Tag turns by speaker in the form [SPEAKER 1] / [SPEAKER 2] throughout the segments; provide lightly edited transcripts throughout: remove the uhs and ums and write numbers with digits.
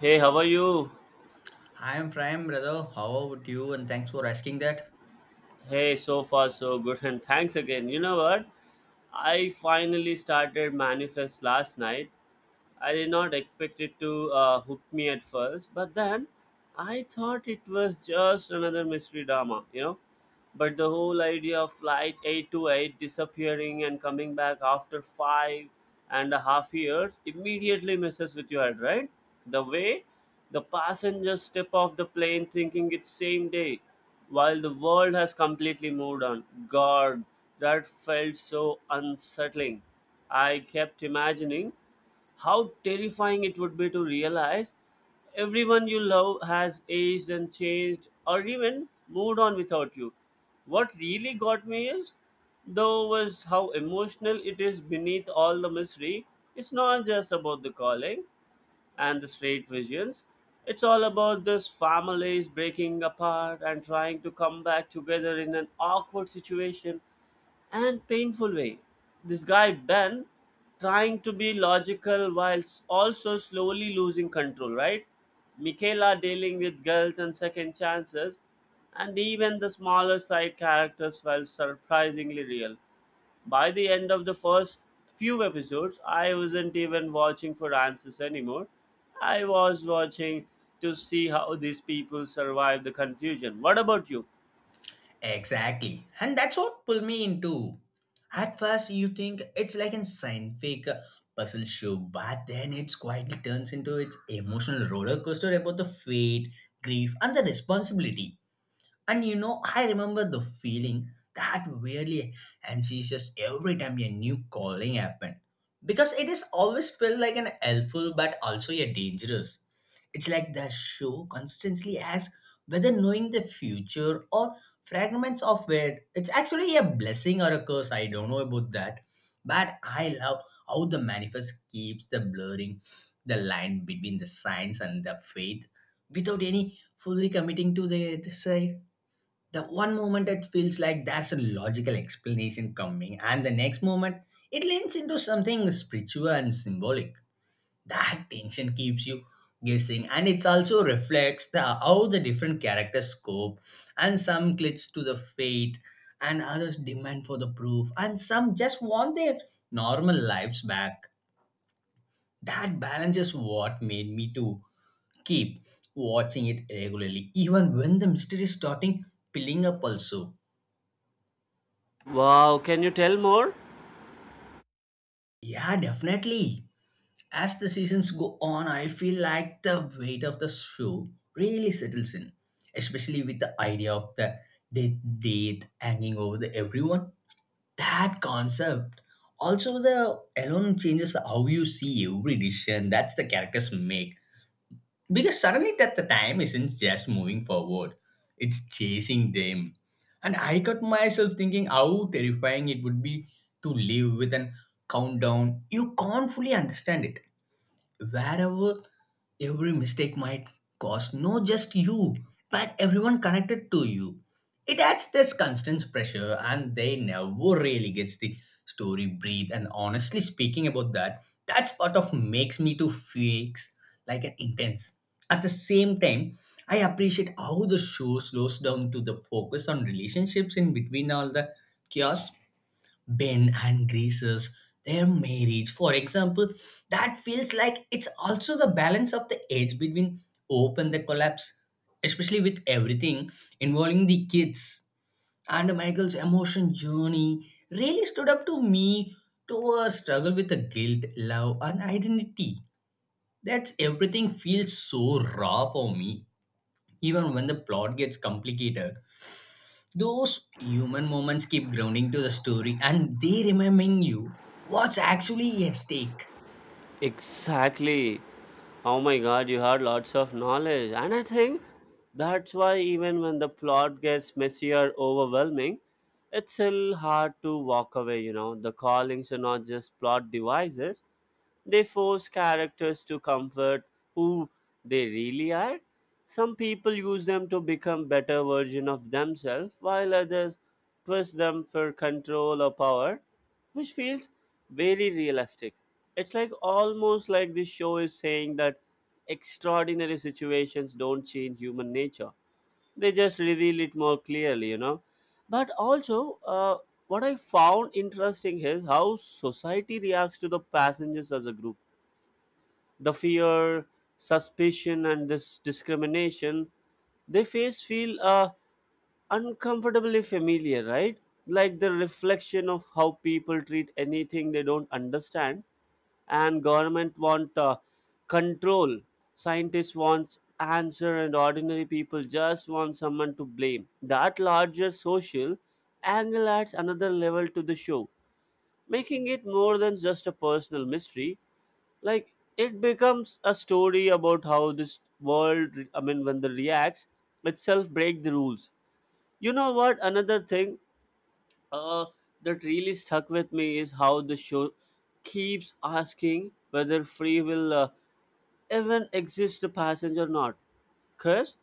[SPEAKER 1] Hey, how are you?
[SPEAKER 2] Hi, I'm Prime, brother. How about you? And thanks for asking that.
[SPEAKER 1] Hey, so far so good, and thanks again. You know what? I finally started Manifest last night. I did not expect it to hook me at first, but then I thought it was just another mystery drama. But the whole idea of Flight eight to eight disappearing and coming back after 5.5 years immediately messes with your head, right? The way the passengers step off the plane thinking it's same day, while the world has completely moved on. God, that felt so unsettling. I kept imagining how terrifying it would be to realize everyone you love has aged and changed or even moved on without you. What really got me is, though, was how emotional it is beneath all the mystery. It's not just about the calling and the straight visions. It's all about this families breaking apart and trying to come back together in an awkward situation and painful way. This guy, Ben, trying to be logical while also slowly losing control, right? Michaela dealing with guilt and second chances, and even the smaller side characters felt surprisingly real. By the end of the first few episodes, I wasn't even watching for answers anymore. I was watching to see how these people survive the confusion. What about you?
[SPEAKER 2] Exactly. And that's what pulled me into. At first, you think it's like a scientific puzzle show, but then it quietly turns into its emotional roller coaster about the fate, grief, and the responsibility. And you know, I remember the feeling that really anxious every time a new calling happened. Because it is always felt like an helpful but also a dangerous. It's like the show constantly asks whether knowing the future or fragments of it, it's actually a blessing or a curse. I don't know about that. But I love how the manifest keeps the blurring the line between the science and the faith without any fully committing to the side, the one moment it feels like there's a logical explanation coming, and the next moment it leans into something spiritual and symbolic. That tension keeps you guessing, and it also reflects the how the different characters cope, and some clings to the faith and others demand for the proof, and some just want their normal lives back. That balance is what made me to keep watching it regularly even when the mystery is starting piling up also.
[SPEAKER 1] Wow, can you tell more?
[SPEAKER 2] Yeah, definitely. As the seasons go on, I feel like the weight of the show really settles in, especially with the idea of the death date hanging over the everyone. That concept. Also, the alone changes how you see every decision that's the characters make, because suddenly that the time isn't just moving forward, it's chasing them. And I got myself thinking how terrifying it would be to live with an countdown. You can't fully understand it wherever every mistake might cost not just you but everyone connected to you. It adds this constant pressure and they never really gets the story breathe. And honestly speaking about that, that's part of makes me to fix like an intense. At the same time, I appreciate how the show slows down to the focus on relationships in between all the chaos. Ben and Grace's their marriage, for example, that feels like it's also the balance of the edge between hope and the collapse, especially with everything involving the kids. And Michael's emotion journey really stood up to me, to a struggle with the guilt, love, and identity. That's everything feels so raw for me, even when the plot gets complicated. Those human moments keep grounding to the story and they reminding you what's actually at stake.
[SPEAKER 1] Exactly. Oh my god, you had lots of knowledge. And I think that's why, even when the plot gets messy or overwhelming, it's still hard to walk away. The callings are not just plot devices, they force characters to comfort who they really are. Some people use them to become better version of themselves, while others twist them for control or power, which feels very realistic. It's like almost like this show is saying that extraordinary situations don't change human nature. They just reveal it more clearly. But also, what I found interesting is how society reacts to the passengers as a group the fear, suspicion, and this discrimination they face feel uncomfortably familiar, right? Like the reflection of how people treat anything they don't understand, and government want control, scientists want answer, and ordinary people just want someone to blame. That larger social angle adds another level to the show, making it more than just a personal mystery like it becomes a story about how this world I mean when the reacts itself break the rules. You know what, another thing uh, that really stuck with me is how the show keeps asking whether free will even exists to passengers or not. Because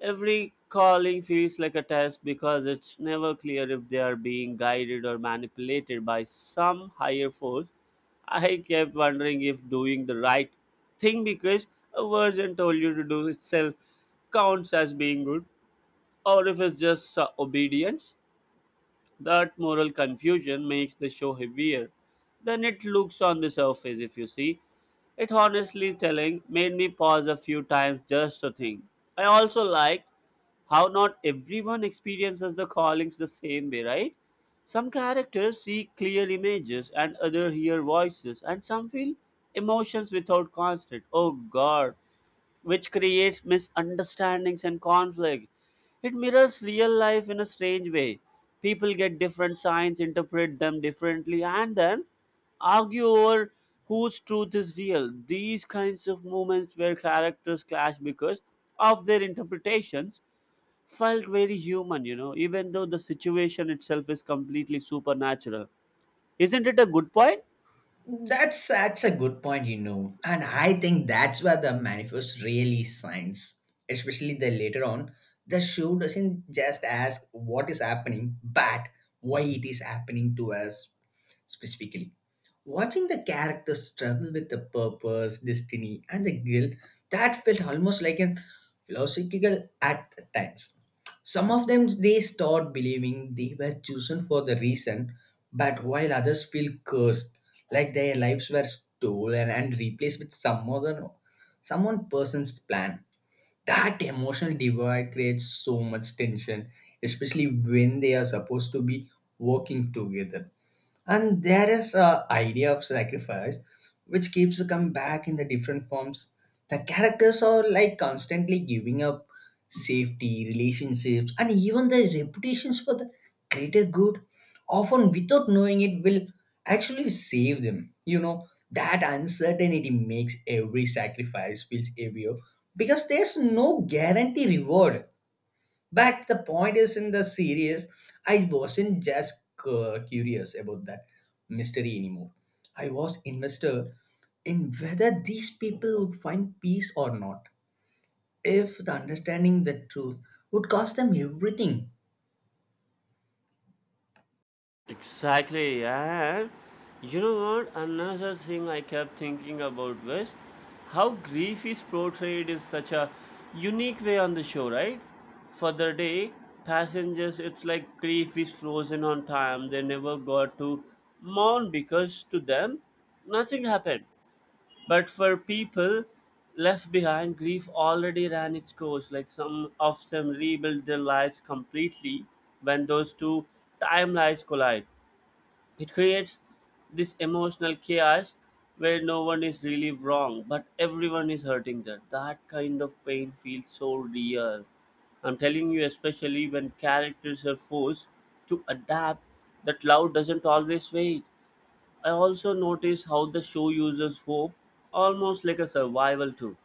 [SPEAKER 1] every calling feels like a test because it's never clear if they are being guided or manipulated by some higher force. I kept wondering if doing the right thing because a version told you to do itself counts as being good or if it's just obedience. That moral confusion makes the show heavier than it looks on the surface, if you see. It honestly telling made me pause a few times just to think. I also liked how not everyone experiences the callings the same way, right? Some characters see clear images and others hear voices, and some feel emotions without constant. Oh god, which creates misunderstandings and conflict. It mirrors real life in a strange way. People get different signs, interpret them differently, and then argue over whose truth is real. These kinds of moments where characters clash because of their interpretations felt very human, you know, even though the situation itself is completely supernatural. Isn't it a good point?
[SPEAKER 2] That's such a good point, you know. And I think that's where the manifest really shines, especially the later on. The show doesn't just ask what is happening, but why it is happening to us specifically. Watching the characters struggle with the purpose, destiny, and the guilt, that felt almost like a philosophical at times. Some of them they start believing they were chosen for the reason, but while others feel cursed like their lives were stolen and replaced with some other no, someone person's plan. That emotional divide creates so much tension, especially when they are supposed to be working together. And there is a idea of sacrifice, which keeps come back in the different forms. The characters are like constantly giving up safety, relationships, and even their reputations for the greater good, often without knowing it will actually save them. You know, that uncertainty makes every sacrifice feels heavier, because there's no guarantee reward. But the point is, in the series, I wasn't just curious about that mystery anymore. I was invested in whether these people would find peace or not, if the understanding the truth would cost them everything.
[SPEAKER 1] Exactly, yeah. You know what? Another thing I kept thinking about was how grief is portrayed in such a unique way on the show, right? For the day, passengers, it's like grief is frozen on time. They never got to mourn because to them, nothing happened. But for people left behind, grief already ran its course. Like some of them rebuilt their lives completely when those two timelines collide it creates this emotional chaos where no one is really wrong, but everyone is hurting that. That kind of pain feels so real. I'm telling you, especially when characters are forced to adapt, that love doesn't always wait. I also notice how the show uses hope almost like a survival tool.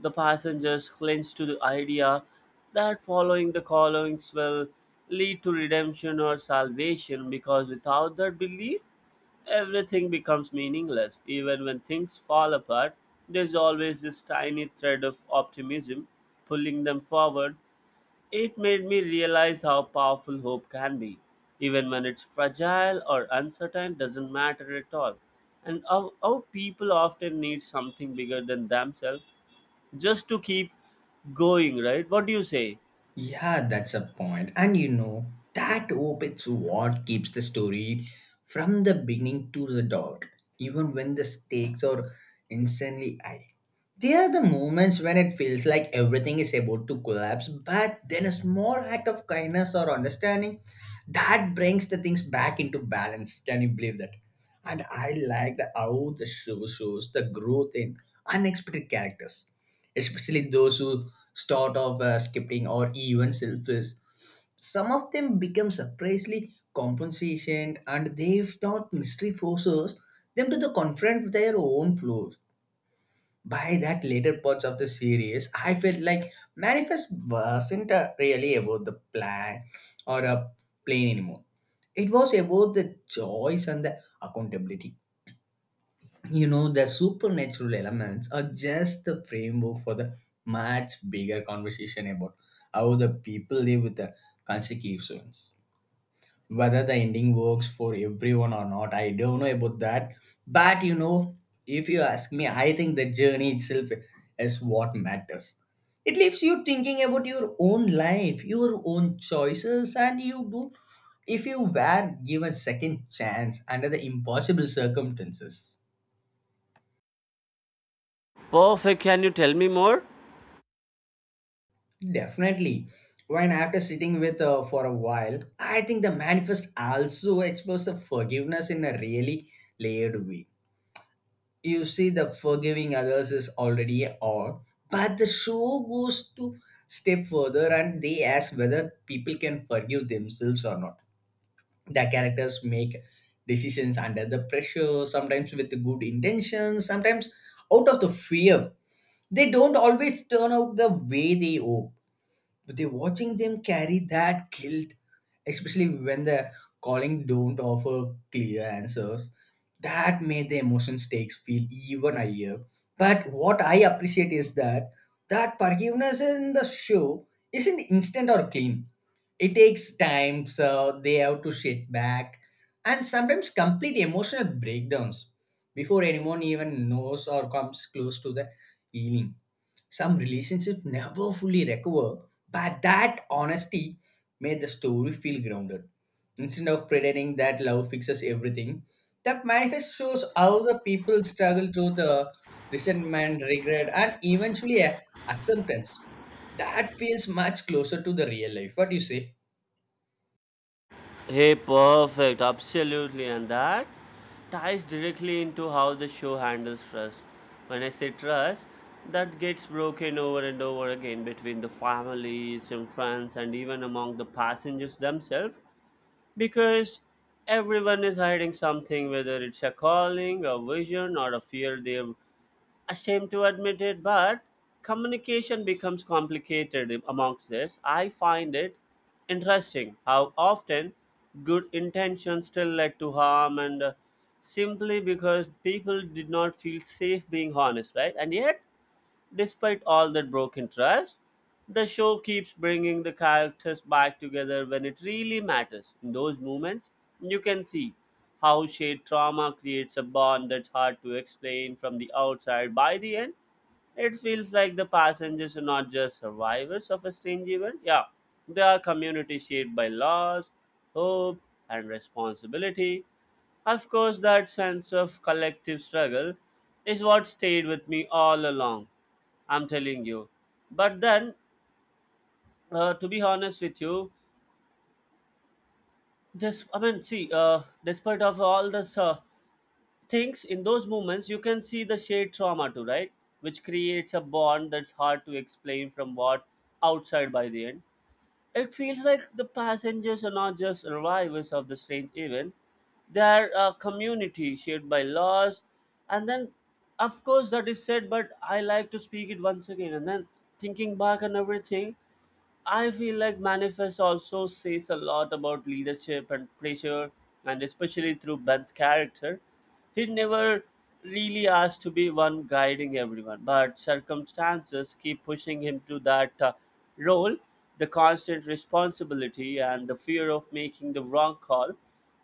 [SPEAKER 1] The passengers cling to the idea that following the callings will lead to redemption or salvation because without that belief, everything becomes meaningless. Even when things fall apart, there's always this tiny thread of optimism pulling them forward. It made me realize how powerful hope can be. Even when it's fragile or uncertain, doesn't matter at all. And our people often need something bigger than themselves just to keep going, right? What do you say?
[SPEAKER 2] Yeah, that's a point. And you know, that hope is what keeps the story from the beginning to the dog, even when the stakes are insanely high. There are the moments when it feels like everything is about to collapse, but then a small act of kindness or understanding that brings the things back into balance. Can you believe that? And I liked how the show shows the growth in unexpected characters, especially those who start of scripting or even selfish. Some of them become surprisingly compensation and they thought mystery forces them to the confront their own flaws. By that later parts of the series, I felt like Manifest wasn't really about the plan or a plane anymore. It was about the choice and the accountability. You know, the supernatural elements are just the framework for the much bigger conversation about how the people live with the consequences, whether the ending works for everyone or not. I don't know about that. But you know, if you ask me, I think the journey itself is what matters. It leaves you thinking about your own life, your own choices, and you do if you were given second chance under the impossible circumstances.
[SPEAKER 1] Perfect. Can you tell me more?
[SPEAKER 2] Definitely. When after sitting with for a while, I think the manifest also explores the forgiveness in a really layered way. You see, the forgiving others is already a art, but the show goes to step further and they ask whether people can forgive themselves or not. The characters make decisions under the pressure, sometimes with good intentions, sometimes out of the fear. They don't always turn out the way they hope. They watching them carry that guilt, especially when the calling don't offer clear answers, that made the emotion stakes feel even higher. But what I appreciate is that that forgiveness in the show isn't instant or clean. It takes time, so they have to sit back and sometimes complete emotional breakdowns before anyone even knows or comes close to the healing. Some relationships never fully recover, but that honesty made the story feel grounded. Instead of pretending that love fixes everything, that manifest shows how the people struggle through the resentment, regret, and eventually acceptance. That feels much closer to the real life. What do you say?
[SPEAKER 1] Hey, perfect, absolutely. And that ties directly into how the show handles trust. When I say trust, that gets broken over and over again between the families and friends and even among the passengers themselves because everyone is hiding something, whether it's a calling, a vision, or a fear they've ashamed to admit it, but communication becomes complicated amongst this. I find it interesting how often good intentions still led to harm and simply because people did not feel safe being honest, right? And yet, despite all that broken trust, the show keeps bringing the characters back together when it really matters. In those moments, you can see how shared trauma creates a bond that's hard to explain from the outside. By the end, it feels like the passengers are not just survivors of a strange event. Yeah, they are community shaped by loss, hope, and responsibility. Of course, that sense of collective struggle is what stayed with me all along. I'm telling you. But then, to be honest with you, just I mean, see, despite of all this things in those moments, you can see the shared trauma too, right? Which creates a bond that's hard to explain from what outside by the end. It feels like the passengers are not just survivors of the strange event; they are a community shaped by loss. And then, of course, that is said. But I like to speak it once again, and then thinking back on everything. I feel like Manifest also says a lot about leadership and pressure, and especially through Ben's character. He never really asked to be one guiding everyone, but circumstances keep pushing him to that role. The constant responsibility and the fear of making the wrong call.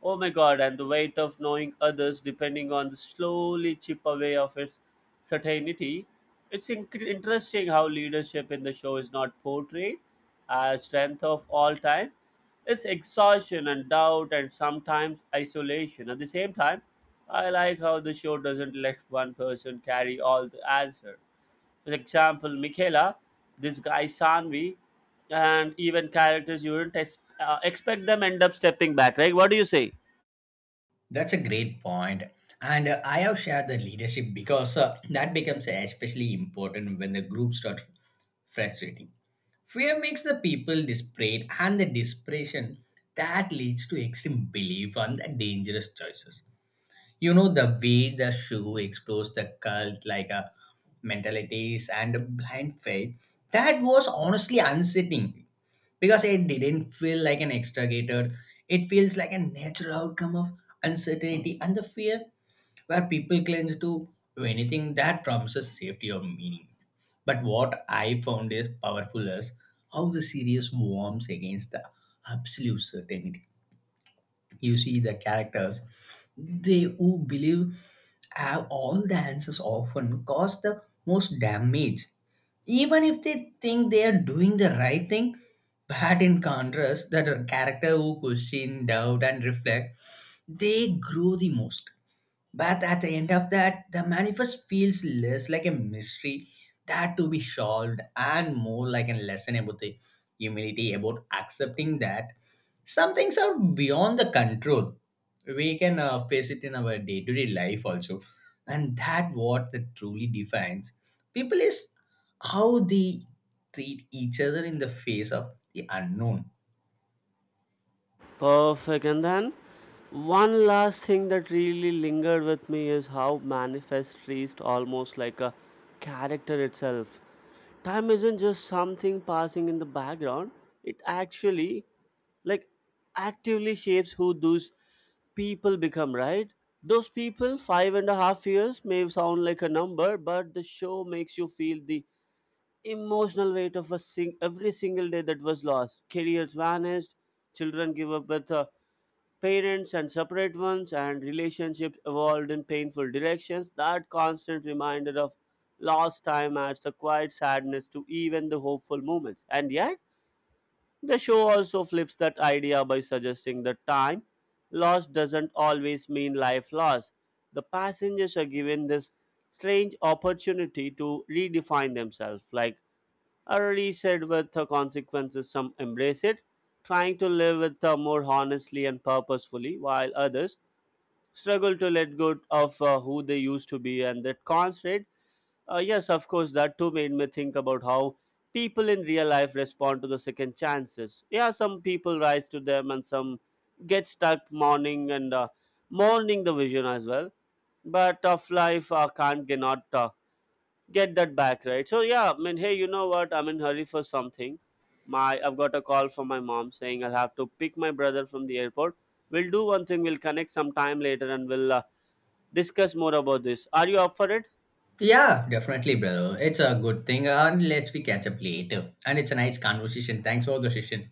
[SPEAKER 1] Oh my god, and the weight of knowing others depending on the slowly chip away of its certainty. It's interesting how leadership in the show is not portrayed strength of all time is exhaustion and doubt and sometimes isolation. At the same time, I like how the show doesn't let one person carry all the answer. For example, Michaela, this guy Sanvi, and even characters you wouldn't expect them end up stepping back, right? What do you say?
[SPEAKER 2] That's a great point. And I have shared the leadership because that becomes especially important when the group starts frustrating. Fear makes the people desperate, and the desperation that leads to extreme belief on the dangerous choices. You know, the way the show explores the cult like a mentalities and a blind faith, that was honestly unsettling, because it didn't feel like an extricated, it feels like a natural outcome of uncertainty and the fear, where people cling to anything that promises safety or meaning. But what I found is powerful is how the series warms against the absolute certainty. You see the characters, they who believe have all the answers often cause the most damage, even if they think they are doing the right thing. But in contrast, that character who question, doubt, and reflect, they grow the most. But at the end of that, the manifest feels less like a mystery that to be solved and more like a lesson about the humility, about accepting that some things are beyond the control. We can face it in our day to day life also. And that what that truly defines people is how they treat each other in the face of the unknown.
[SPEAKER 1] Perfect. And then one last thing that really lingered with me is how manifest reached almost like a character itself. Time isn't just something passing in the background, it actually like actively shapes who those people become, right? Those people, 5.5 years may sound like a number, but the show makes you feel the emotional weight of a every single day that was lost. Careers vanished, children give up with parents and separate ones, and relationships evolved in painful directions. That constant reminder of lost time adds a quiet sadness to even the hopeful moments. And yet, the show also flips that idea by suggesting that time lost doesn't always mean life lost. The passengers are given this strange opportunity to redefine themselves, like already said with the consequences some embrace it trying to live with more honestly and purposefully while others struggle to let go of who they used to be and that constraint, yes of course that too made me think about how people in real life respond to the second chances. Yeah, some people rise to them and some get stuck mourning and mourning the vision as well, but of life can't cannot get that back, right? So yeah, I mean, hey, you know what, I'm in hurry for something. My I've got a call from my mom saying I'll have to pick my brother from the airport. We'll do one thing, we'll connect sometime later and we'll discuss more about this. Are you up for it?
[SPEAKER 2] Yeah, definitely, brother. It's a good thing. And let's we catch up later. And it's a nice conversation. Thanks for the session.